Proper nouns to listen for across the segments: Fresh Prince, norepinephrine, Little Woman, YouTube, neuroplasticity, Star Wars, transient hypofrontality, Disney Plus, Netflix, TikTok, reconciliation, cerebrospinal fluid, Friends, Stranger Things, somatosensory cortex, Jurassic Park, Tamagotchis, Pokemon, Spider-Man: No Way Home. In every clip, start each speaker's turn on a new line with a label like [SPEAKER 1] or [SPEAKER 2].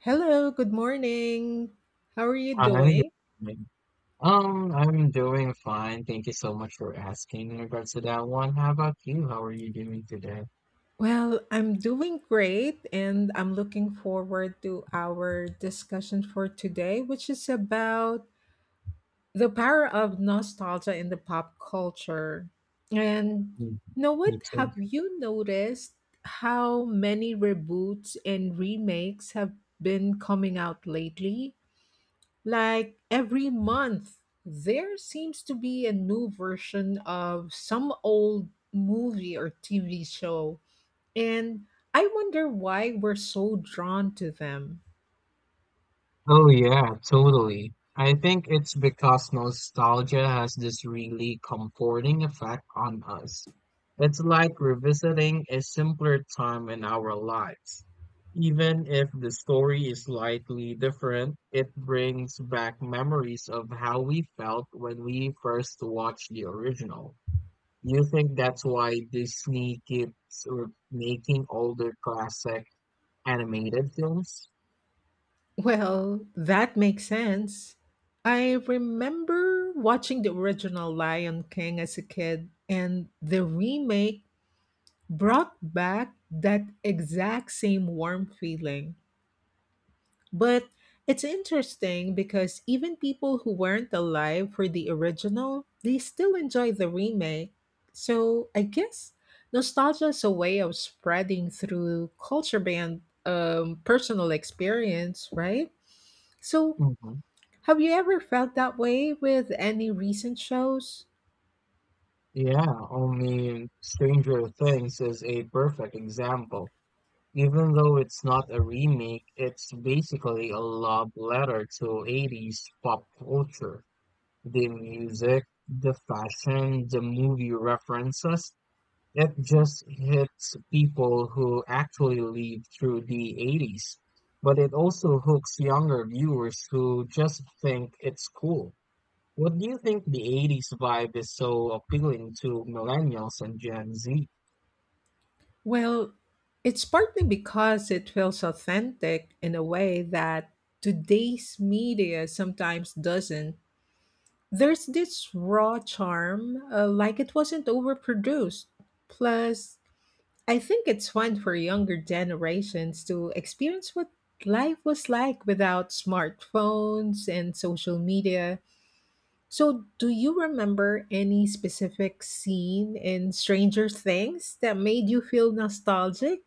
[SPEAKER 1] Hello, good morning. How are you
[SPEAKER 2] Hi, good
[SPEAKER 1] doing?
[SPEAKER 2] morning. I'm doing fine. Thank you so much for asking in regards to that one. How about you? How are you doing today?
[SPEAKER 1] Well, I'm doing great and I'm looking forward to our discussion for today, which is about the power of nostalgia in the pop culture. And
[SPEAKER 2] Mm,
[SPEAKER 1] you know what?
[SPEAKER 2] me too.
[SPEAKER 1] Have you noticed how many reboots and remakes have been coming out lately? Like every month, there seems to be a new version of some old movie or TV show. And I wonder why we're so drawn to them.
[SPEAKER 2] Oh yeah, totally. I think it's because nostalgia has this really comforting effect on us. It's like revisiting a simpler time in our lives. Even if the story is slightly different, it brings back memories of how we felt when we first watched the original. You think that's why Disney keeps making older classic animated films?
[SPEAKER 1] Well, that makes sense. I remember watching the original Lion King as a kid, and the remake brought back that exact same warm feeling. But it's interesting because even people who weren't alive for the original, they still enjoy the remake. So I guess nostalgia is a way of spreading through culture band personal experience, right? So
[SPEAKER 2] Mhm.
[SPEAKER 1] have you ever felt that way with any recent shows?
[SPEAKER 2] Yeah, only Stranger Things is a perfect example. Even though it's not a remake, it's basically a love letter to 80s pop culture. The music, the fashion, the movie references, it just hits people who actually lived through the 80s. But it also hooks younger viewers who just think it's cool. What do you think the 80s vibe is so appealing to millennials and Gen Z?
[SPEAKER 1] Well, it's partly because it feels authentic in a way that today's media sometimes doesn't. There's this raw charm, like it wasn't overproduced. Plus, I think it's fun for younger generations to experience what life was like without smartphones and social media. So, do you remember any specific scene in Stranger Things that made you feel nostalgic,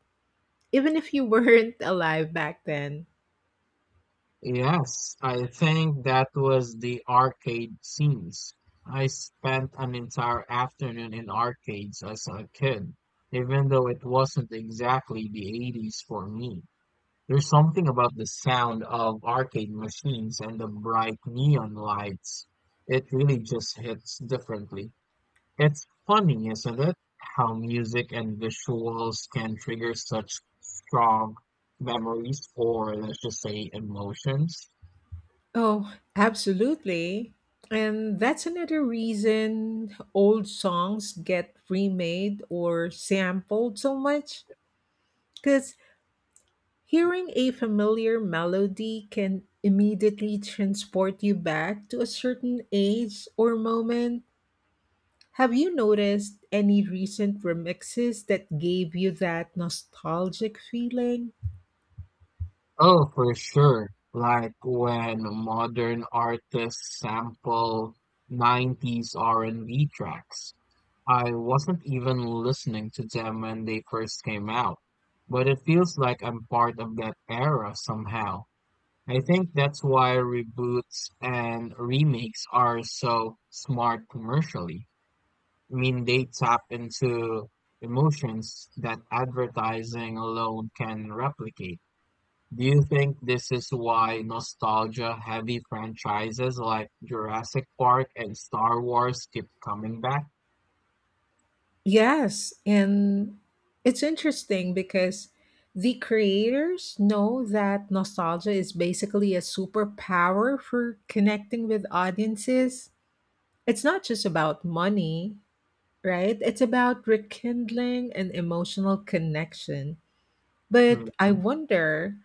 [SPEAKER 1] even if you weren't alive back then?
[SPEAKER 2] Yes, I think that was the arcade scenes. I spent an entire afternoon in arcades as a kid, even though it wasn't exactly the 80s for me. There's something about the sound of arcade machines and the bright neon lights. It really just hits differently. It's funny, isn't it, how music and visuals can trigger such strong memories or, let's just say, emotions?
[SPEAKER 1] Oh, absolutely. And that's another reason old songs get remade or sampled so much because hearing a familiar melody can immediately transport you back to a certain age or moment. Have you noticed any recent remixes that gave you that nostalgic feeling?
[SPEAKER 2] Oh, for sure. Like when modern artists sample 90s R&B tracks. I wasn't even listening to them when they first came out, but it feels like I'm part of that era somehow. I think that's why reboots and remakes are so smart commercially. I mean, they tap into emotions that advertising alone can replicate. Do you think this is why nostalgia-heavy franchises like Jurassic Park and Star Wars keep coming back?
[SPEAKER 1] Yes, and it's interesting because the creators know that nostalgia is basically a superpower for connecting with audiences. It's not just about money, right? It's about rekindling an emotional connection. But I
[SPEAKER 2] Mhm.
[SPEAKER 1] wonder,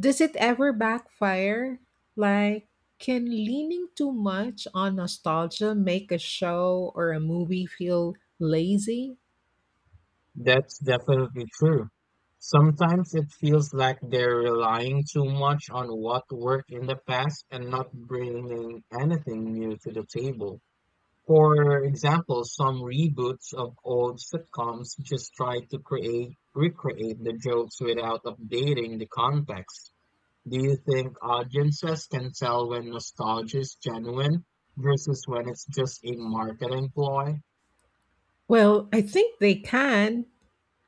[SPEAKER 1] does it ever backfire? Like, can leaning too much on nostalgia make a show or a movie feel lazy?
[SPEAKER 2] That's definitely true. Sometimes it feels like they're relying too much on what worked in the past and not bringing anything new to the table. For example, some reboots of old sitcoms just try to recreate the jokes without updating the context. Do you think audiences can tell when nostalgia is genuine versus when it's just a marketing ploy?
[SPEAKER 1] Well, I think they can,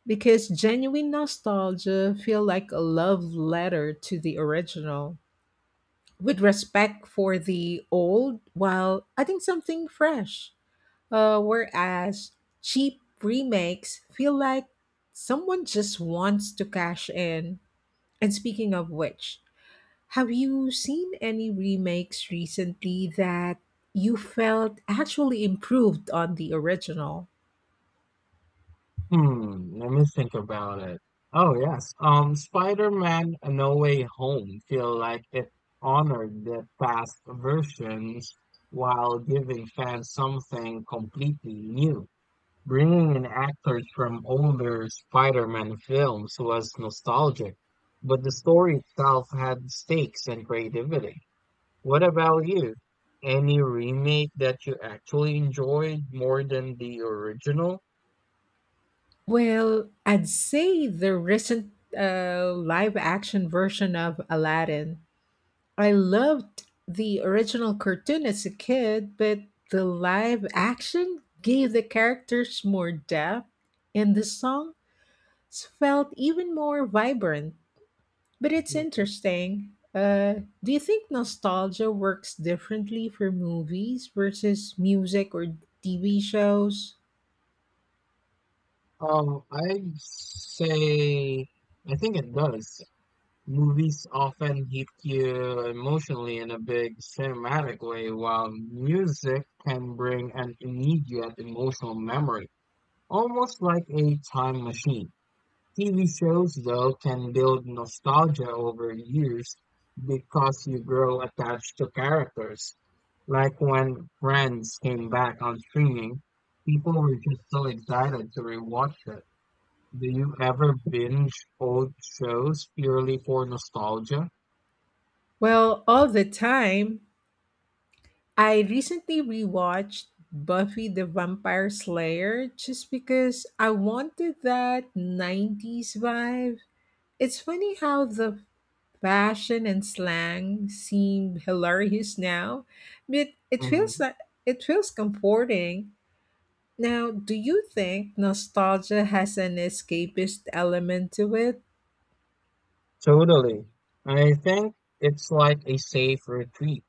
[SPEAKER 1] because genuine nostalgia feel like a love letter to the original with respect for the old while adding something fresh, whereas cheap remakes feel like someone just wants to cash in. And speaking of which, have you seen any remakes recently that you felt actually improved on the original?
[SPEAKER 2] Hmm, let me think about it. Oh yes, Spider-Man: No Way Home feel like it honored the past versions while giving fans something completely new. Bringing in actors from older Spider-Man films was nostalgic, but the story itself had stakes and creativity. What about you? Any remake that you actually enjoyed more than the original?
[SPEAKER 1] Well, I'd say the recent, live action version of Aladdin. I loved the original cartoon as a kid, but the live action gave the characters more depth, and the songs felt even more vibrant. But it's interesting. Do you think nostalgia works differently for movies versus music or TV shows?
[SPEAKER 2] Um, I'd say I think it does. Movies often hit you emotionally in a big cinematic way, while music can bring an immediate emotional memory, almost like a time machine. TV shows, though, can build nostalgia over years because you grow attached to characters. Like when Friends came back on streaming, people were just so excited to rewatch it. Do you ever binge old shows purely for nostalgia?
[SPEAKER 1] Well, all the time. I recently rewatched Buffy the Vampire Slayer just because I wanted that 90s vibe. It's funny how the fashion and slang seem hilarious now, but it feels
[SPEAKER 2] Mhm.
[SPEAKER 1] like it feels comforting. Now, do you think nostalgia has an escapist element to it?
[SPEAKER 2] Totally. I think it's like a safe retreat.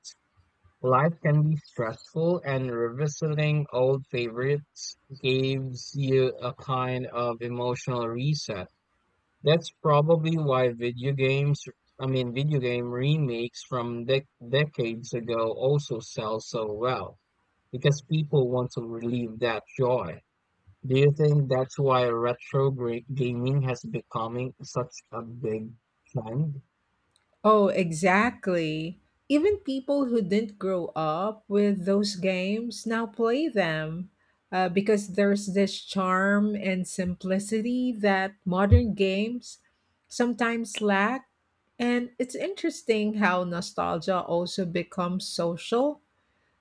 [SPEAKER 2] Life can be stressful, and revisiting old favorites gives you a kind of emotional reset. That's probably why video game remakes from decades ago also sell so well, because people want to relieve that joy. Do you think that's why retro gaming has becoming such a big trend?
[SPEAKER 1] Oh, exactly. Even people who didn't grow up with those games now play them, because there's this charm and simplicity that modern games sometimes lack. And it's interesting how nostalgia also becomes social.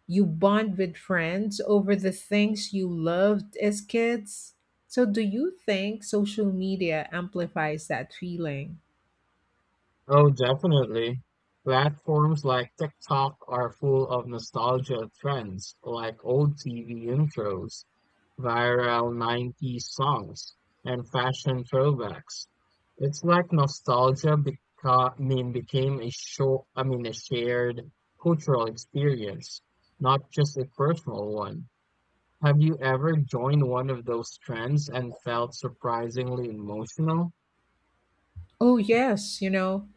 [SPEAKER 1] You bond with friends over the things you loved as kids. So, do you think social media amplifies that feeling?
[SPEAKER 2] Oh, definitely. Platforms like TikTok are full of nostalgia trends, like old TV intros, viral 90s songs, and fashion throwbacks. It's like nostalgia beca- I mean, became a show, I mean, a shared cultural experience, not just a personal one. Have you ever joined one of those trends and felt surprisingly emotional?
[SPEAKER 1] Oh, yes. You know,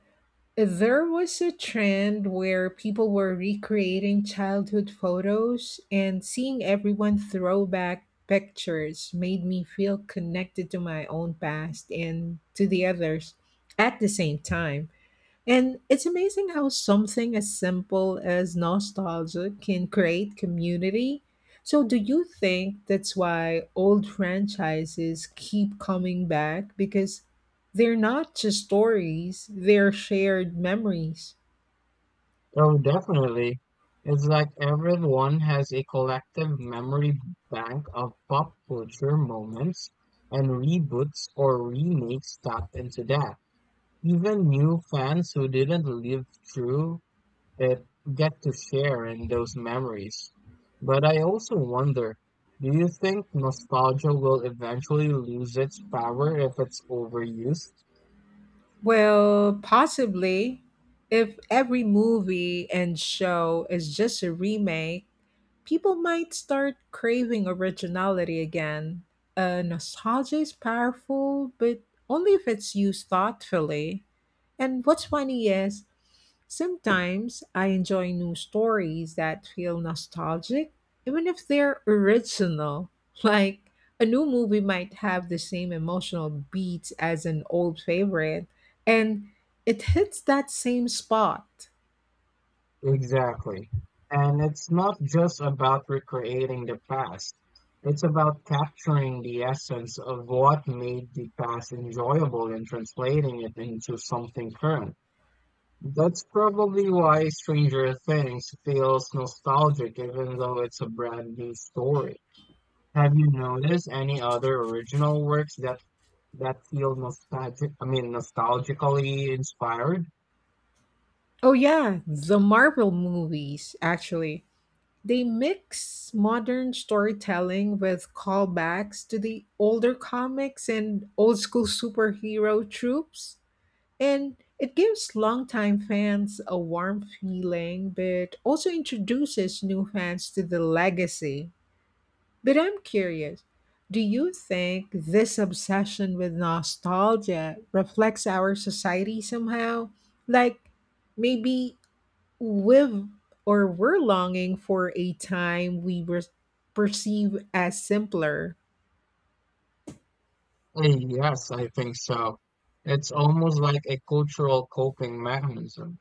[SPEAKER 1] there was a trend where people were recreating childhood photos, and seeing everyone throw back pictures made me feel connected to my own past and to the others at the same time. And it's amazing how something as simple as nostalgia can create community. So, do you think that's why old franchises keep coming back? Because they're not just stories, they're shared memories.
[SPEAKER 2] Oh, definitely. It's like everyone has a collective memory bank of pop culture moments and reboots or remakes tap into that. Even new fans who didn't live through it get to share in those memories. But I also wonder, do you think nostalgia will eventually lose its power if it's overused?
[SPEAKER 1] Well, possibly. If every movie and show is just a remake, people might start craving originality again. Nostalgia is powerful, but only if it's used thoughtfully. And what's funny is, sometimes I enjoy new stories that feel nostalgic, even if they're original. Like, a new movie might have the same emotional beats as an old favorite, and it hits that same spot.
[SPEAKER 2] Exactly. And it's not just about recreating the past. It's about capturing the essence of what made the past enjoyable and translating it into something current. That's probably why Stranger Things feels nostalgic even though it's a brand new story. Have you noticed any other original works that feel nostalgically inspired?
[SPEAKER 1] Oh, yeah, the Marvel movies, actually. They mix modern storytelling with callbacks to the older comics and old school superhero tropes, and it gives longtime fans a warm feeling, but also introduces new fans to the legacy. But I'm curious, do you think this obsession with nostalgia reflects our society somehow? Like, maybe we've, or we're longing for a time we were perceive as simpler.
[SPEAKER 2] Eh, yes, I think so. It's almost like a cultural coping mechanism.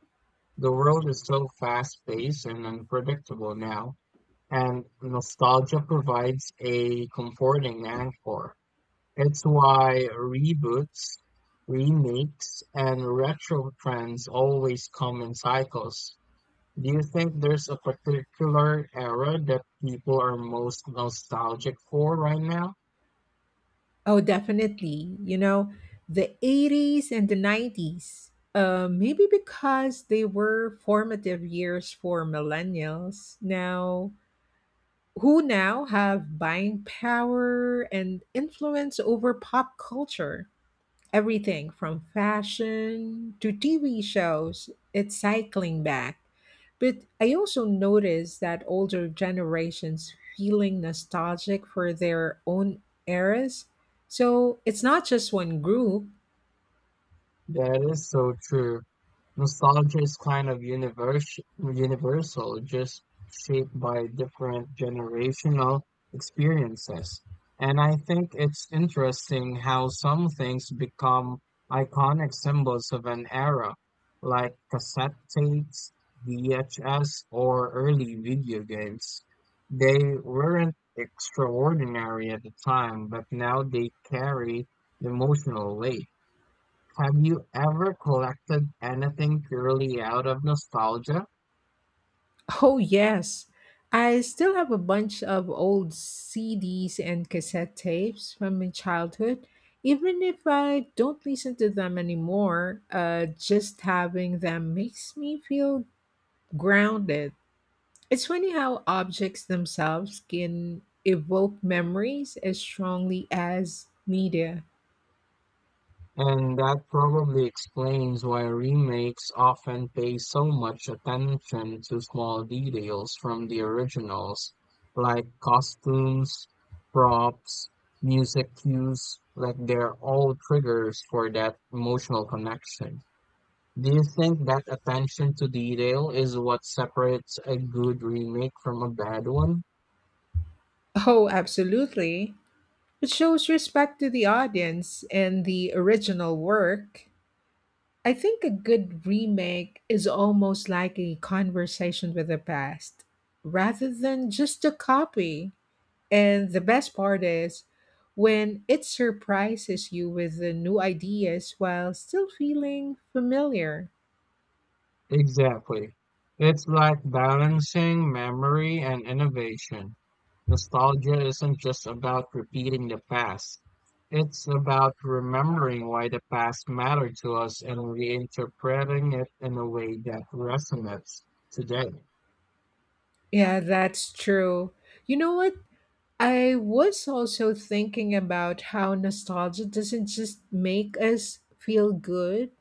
[SPEAKER 2] The world is so fast-paced and unpredictable now, and nostalgia provides a comforting anchor. It's why reboots, remakes, and retro trends always come in cycles. Do you think there's a particular era that people are most nostalgic for right now?
[SPEAKER 1] Oh, definitely. You know, the 80s and the 90s. Maybe because they were formative years for millennials now who now have buying power and influence over pop culture. Everything from fashion to TV shows, it's cycling back. But I also noticed that older generations feeling nostalgic for their own eras. So it's not just one group.
[SPEAKER 2] That is so true. Nostalgia is kind of universal, just shaped by different generational experiences. And I think it's interesting how some things become iconic symbols of an era, like cassette tapes, VHS, or early video games. They weren't extraordinary at the time, but now they carry emotional weight. Have you ever collected anything purely out of nostalgia?
[SPEAKER 1] Oh yes. I still have a bunch of old CDs and cassette tapes from my childhood. Even if I don't listen to them anymore, just having them makes me feel grounded. It's funny how objects themselves can evoke memories as strongly as media.
[SPEAKER 2] And that probably explains why remakes often pay so much attention to small details from the originals, like costumes, props, music cues, like they're all triggers for that emotional connection. Do you think that attention to detail is what separates a good remake from a bad one?
[SPEAKER 1] Oh, absolutely. It shows respect to the audience and the original work. I think a good remake is almost like a conversation with the past rather than just a copy. And the best part is when it surprises you with the new ideas while still feeling familiar.
[SPEAKER 2] Exactly. It's like balancing memory and innovation. Nostalgia isn't just about repeating the past. It's about remembering why the past mattered to us and reinterpreting it in a way that resonates today.
[SPEAKER 1] Yeah, that's true. You know what? I was also thinking about how nostalgia doesn't just make us feel good,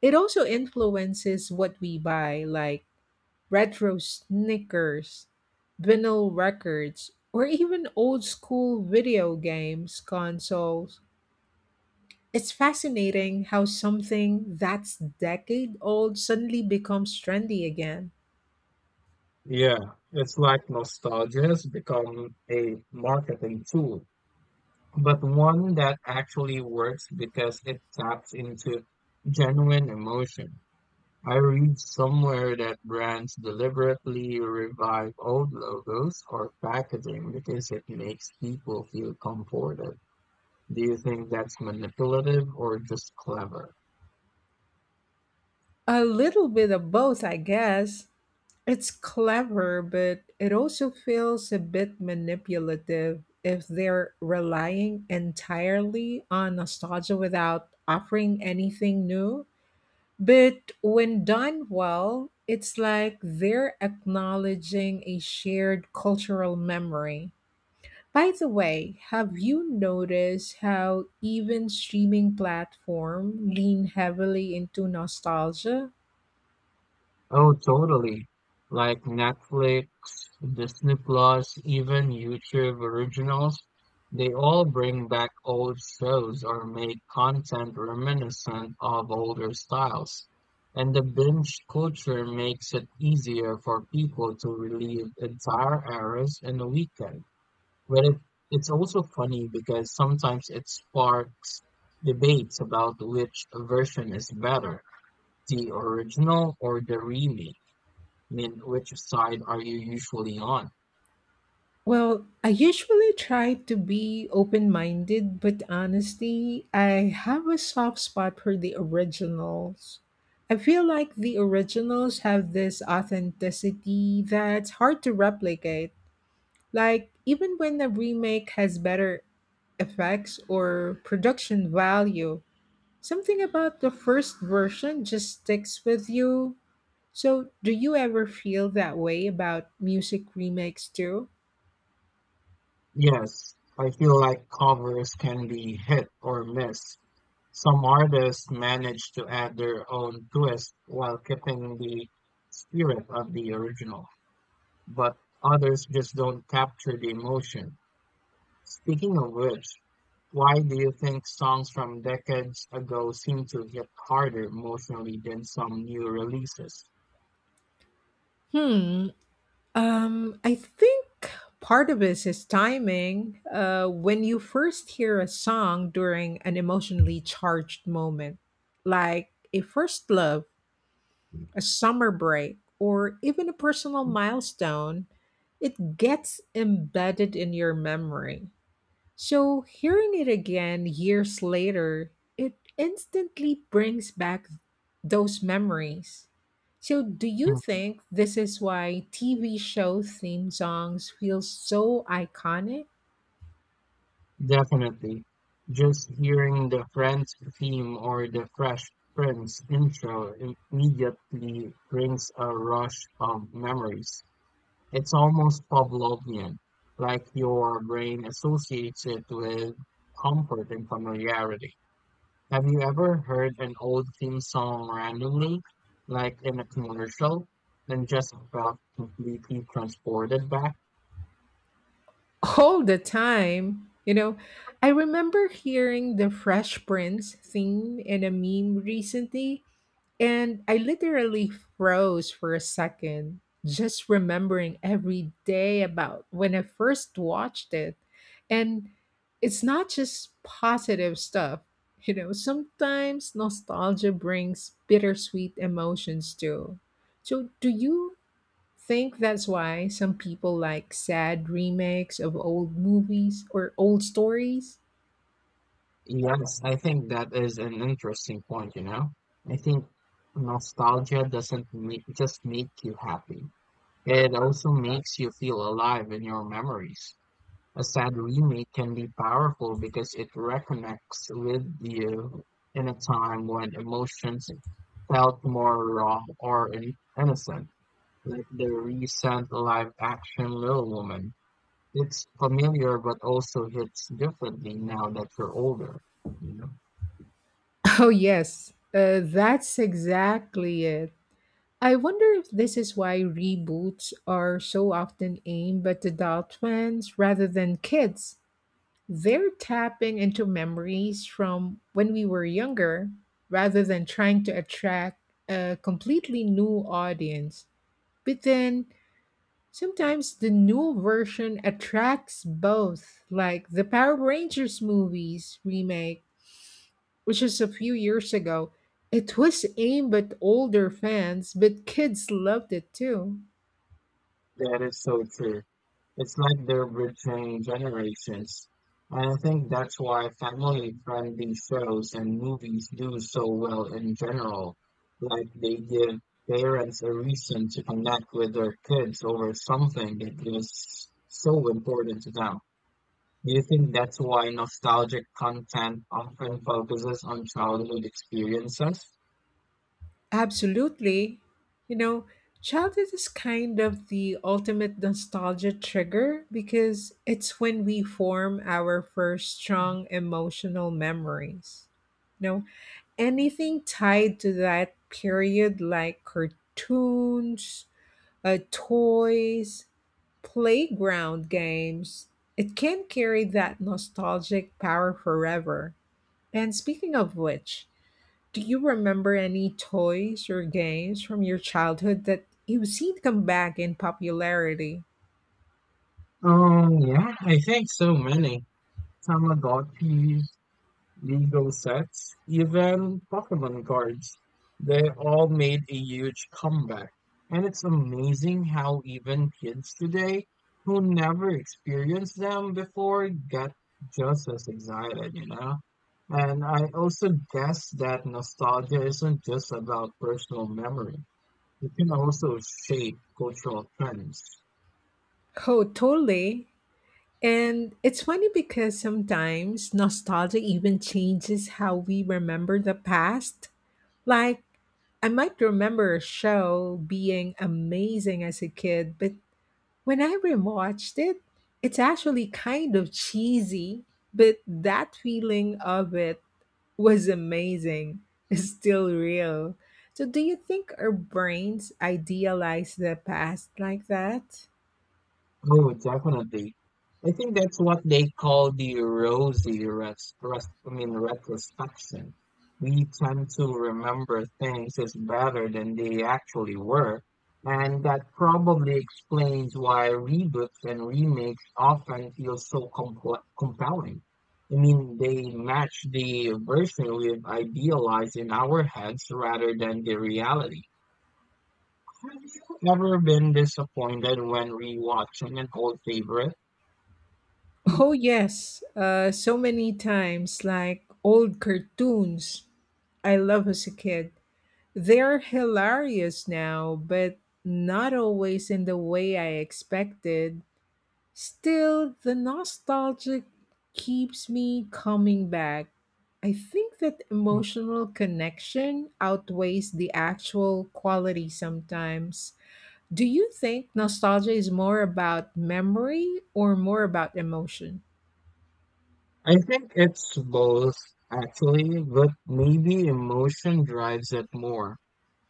[SPEAKER 1] it also influences what we buy, like retro sneakers, vinyl records, or even old school video games consoles. It's fascinating how something that's decade old suddenly becomes trendy again.
[SPEAKER 2] Yeah, it's like nostalgia has become a marketing tool, but one that actually works because it taps into genuine emotion. I read somewhere that brands deliberately revive old logos or packaging because it makes people feel comforted. Do you think that's manipulative or just clever?
[SPEAKER 1] A little bit of both, I guess. It's clever, but it also feels a bit manipulative if they're relying entirely on nostalgia without offering anything new. But when done well, it's like they're acknowledging a shared cultural memory. By the way, have you noticed how even streaming platforms lean heavily into nostalgia?
[SPEAKER 2] Oh, totally. Like Netflix, Disney Plus, even YouTube originals, they all bring back old shows or make content reminiscent of older styles. And the binge culture makes it easier for people to relive entire eras in a weekend. But it's also funny because sometimes it sparks debates about which version is better, the original or the remake. I mean, which side are you usually on?
[SPEAKER 1] Well, I usually try to be open minded, but honestly, I have a soft spot for the originals. I feel like the originals have this authenticity that's hard to replicate. Like, even when the remake has better effects or production value, something about the first version just sticks with you. So, do you ever feel that way about music remakes too?
[SPEAKER 2] Yes, I feel like covers can be hit or miss. Some artists manage to add their own twist while keeping the spirit of the original, but others just don't capture the emotion. Speaking of which, why do you think songs from decades ago seem to hit harder emotionally than some new releases?
[SPEAKER 1] Hmm, I think part of this is timing. When you first hear a song during an emotionally charged moment, like a first love, a summer break, or even a personal milestone, it gets embedded in your memory. So, hearing it again years later, it instantly brings back those memories. So, do you think this is why TV show theme songs feel so iconic?
[SPEAKER 2] Definitely. Just hearing the Friends theme or the Fresh Prince intro immediately brings a rush of memories. It's almost Pavlovian, like your brain associates it with comfort and familiarity. Have you ever heard an old theme song randomly, like in a commercial, and just felt completely transported back?
[SPEAKER 1] All the time. You know, I remember hearing the Fresh Prince theme in a meme recently, and I literally froze for a second, just remembering every day about when I first watched it. And it's not just positive stuff. You know, sometimes nostalgia brings bittersweet emotions too. So, do you think that's why some people like sad remakes of old movies or old stories?
[SPEAKER 2] Yes, I think that is an interesting point, you know. I think nostalgia doesn't make, just make you happy. It also makes you feel alive in your memories. A sad remake can be powerful because it reconnects with you in a time when emotions felt more raw or innocent, like the recent live action Little Woman. It's familiar but also hits differently now that you're older, you know.
[SPEAKER 1] Oh, yes, that's exactly it. I wonder if this is why reboots are so often aimed at adult fans rather than kids. They're tapping into memories from when we were younger rather than trying to attract a completely new audience. But then sometimes the new version attracts both, like the Power Rangers movies remake, which was a few years ago. It was aimed at older fans, but kids loved it too.
[SPEAKER 2] That is so true. It's like they're betraying generations. And I think that's why family-friendly shows and movies do so well in general. Like they give parents a reason to connect with their kids over something that is so important to them. Do you think that's why nostalgic content often focuses on childhood experiences?
[SPEAKER 1] Absolutely. You know, childhood is kind of the ultimate nostalgia trigger because it's when we form our first strong emotional memories. You know, anything tied to that period, like cartoons, toys, playground games, it can carry that nostalgic power forever. And speaking of which, do you remember any toys or games from your childhood that you've seen come back in popularity?
[SPEAKER 2] Yeah, I think so many. Tamagotchis, Legal sets, even Pokemon cards. They all made a huge comeback. And it's amazing how even kids today who never experienced them before get just as excited, you know? And I also guess that nostalgia isn't just about personal memory. It can also shape cultural trends.
[SPEAKER 1] Oh, totally. And it's funny because sometimes nostalgia even changes how we remember the past. Like, I might remember a show being amazing as a kid, but when I rewatched it, it's actually kind of cheesy, but that feeling of it was amazing. Is still real. So, do you think our brains idealize the past like that?
[SPEAKER 2] Oh, definitely. I think that's what they call the rosy res res I mean, retrospection. We tend to remember things as better than they actually were, and that probably explains why reboots and remakes often feel so compl compelling. I mean, they match the version we've idealized in our heads rather than the reality. Have you ever been disappointed when rewatching an old favorite?
[SPEAKER 1] Oh, yes. So many times, like old cartoons I love as a kid. They're hilarious now, but not always in the way I expected. Still, the nostalgia keeps me coming back. I think that emotional connection outweighs the actual quality sometimes. Do you think nostalgia is more about memory or more about emotion?
[SPEAKER 2] I think it's both, actually, but maybe emotion drives it more.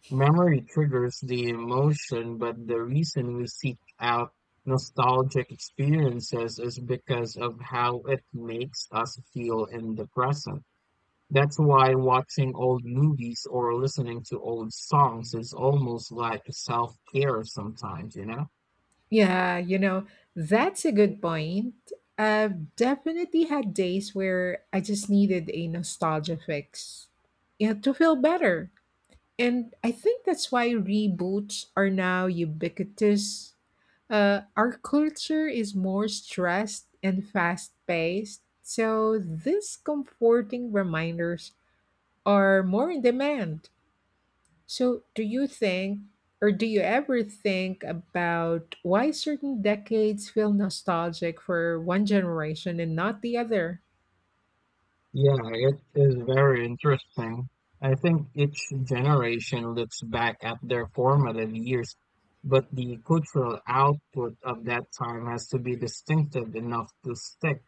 [SPEAKER 2] Memory triggers the emotion, but the reason we seek out nostalgic experiences is because of how it makes us feel in the present. That's why watching old movies or listening to old songs is almost like self-care sometimes, you know?
[SPEAKER 1] Yeah, you know, that's a good point. I've definitely had days where I just needed a nostalgia fix, you know, to feel better. And I think that's why reboots are now ubiquitous. Our culture is more stressed and fast paced, so these comforting reminders are more in demand. So, do you ever think about why certain decades feel nostalgic for one generation and not the other?
[SPEAKER 2] Yeah, it is very interesting. I think each generation looks back at their formative years, but the cultural output of that time has to be distinctive enough to stick.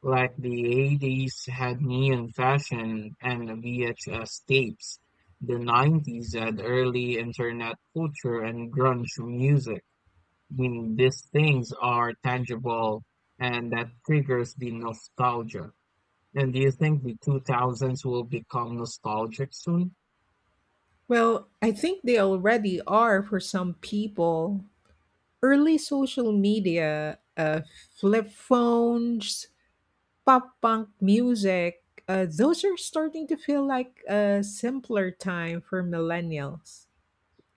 [SPEAKER 2] Like the 80s had neon fashion and VHS tapes. The 90s had early internet culture and grunge music. I mean, these things are tangible and that triggers the nostalgia. And do you think the 2000s will become nostalgic soon?
[SPEAKER 1] Well, I think they already are for some people. Early social media, flip phones, pop punk music, those are starting to feel like a simpler time for millennials.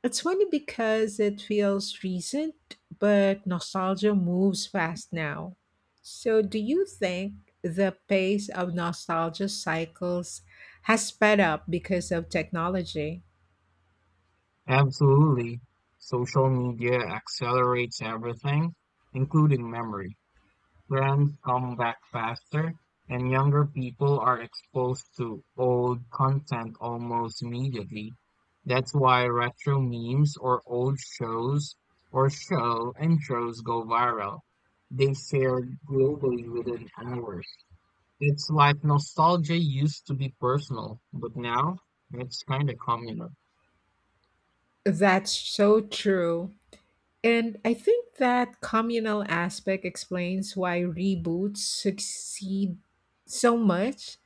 [SPEAKER 1] It's funny because it feels recent, but nostalgia moves fast now. So, do you think the pace of nostalgia cycles has sped up because of technology?
[SPEAKER 2] Absolutely. Social media accelerates everything, including memory. Trends come back faster, and younger people are exposed to old content almost immediately. That's why retro memes or old shows or show intros go viral. They shared globally within hours. It's like nostalgia used to be personal, but now it's kind of communal.
[SPEAKER 1] That's so true. And I think that communal aspect explains why reboots succeed so much.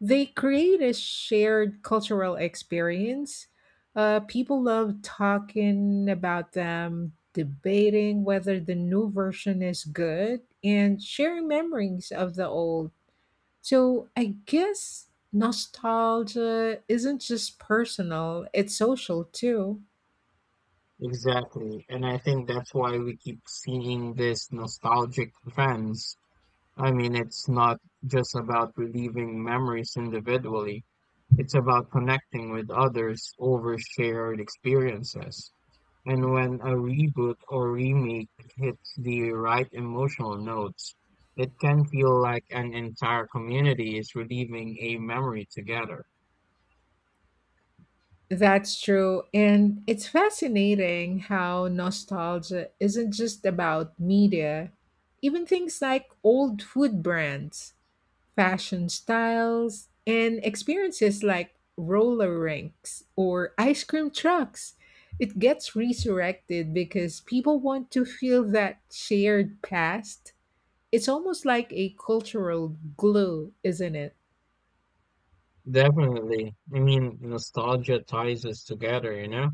[SPEAKER 1] They create a shared cultural experience. People love talking about them, debating whether the new version is good, and sharing memories of the old. So I guess nostalgia isn't just personal, it's social too.
[SPEAKER 2] Exactly. And I think that's why we keep seeing this nostalgic trends. I mean, it's not just about reliving memories individually. It's about connecting with others over shared experiences. And when a reboot or remake hits the right emotional notes, it can feel like an entire community is reliving a memory together.
[SPEAKER 1] That's true. And it's fascinating how nostalgia isn't just about media. Even things like old food brands, fashion styles, and experiences like roller rinks or ice cream trucks. It gets resurrected because people want to feel that shared past. It's almost like a cultural glue, isn't it?
[SPEAKER 2] Definitely. I mean, nostalgia ties us together, you know,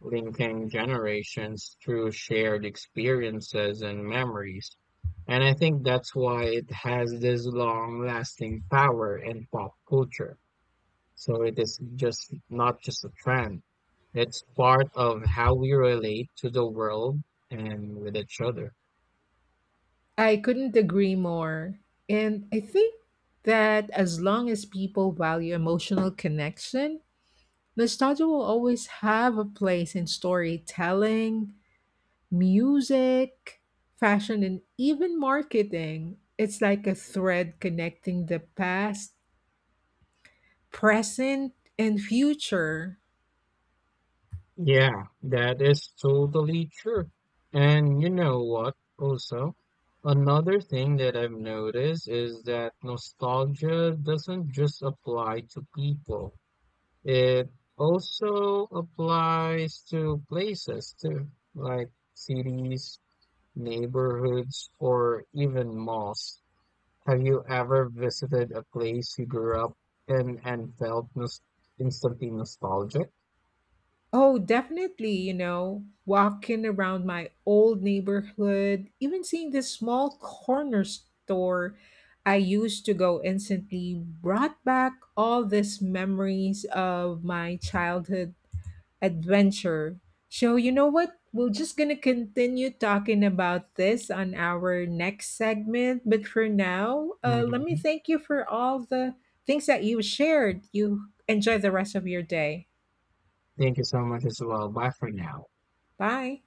[SPEAKER 2] linking generations through shared experiences and memories. And I think that's why it has this long-lasting power in pop culture. So it is just not just a trend. It's part of how we relate to the world and with each other.
[SPEAKER 1] I couldn't agree more. And I think that as long as people value emotional connection, nostalgia will always have a place in storytelling, music, fashion, and even marketing. It's like a thread connecting the past, present, and future.
[SPEAKER 2] Yeah, that is totally true. And you know what, also, another thing that I've noticed is that nostalgia doesn't just apply to people. It also applies to places too, like cities, neighborhoods, or even malls. Have you ever visited a place you grew up in and felt nos instantly nostalgic?
[SPEAKER 1] Oh, definitely, you know, walking around my old neighborhood, even seeing this small corner store I used to go instantly brought back all these memories of my childhood adventure. So, you know what? We're just going to continue talking about this on our next segment. But for now, let me
[SPEAKER 2] Mhm.
[SPEAKER 1] thank you for all the things that you shared. You enjoy the rest of your day.
[SPEAKER 2] Thank you so much as well. Bye for now.
[SPEAKER 1] Bye.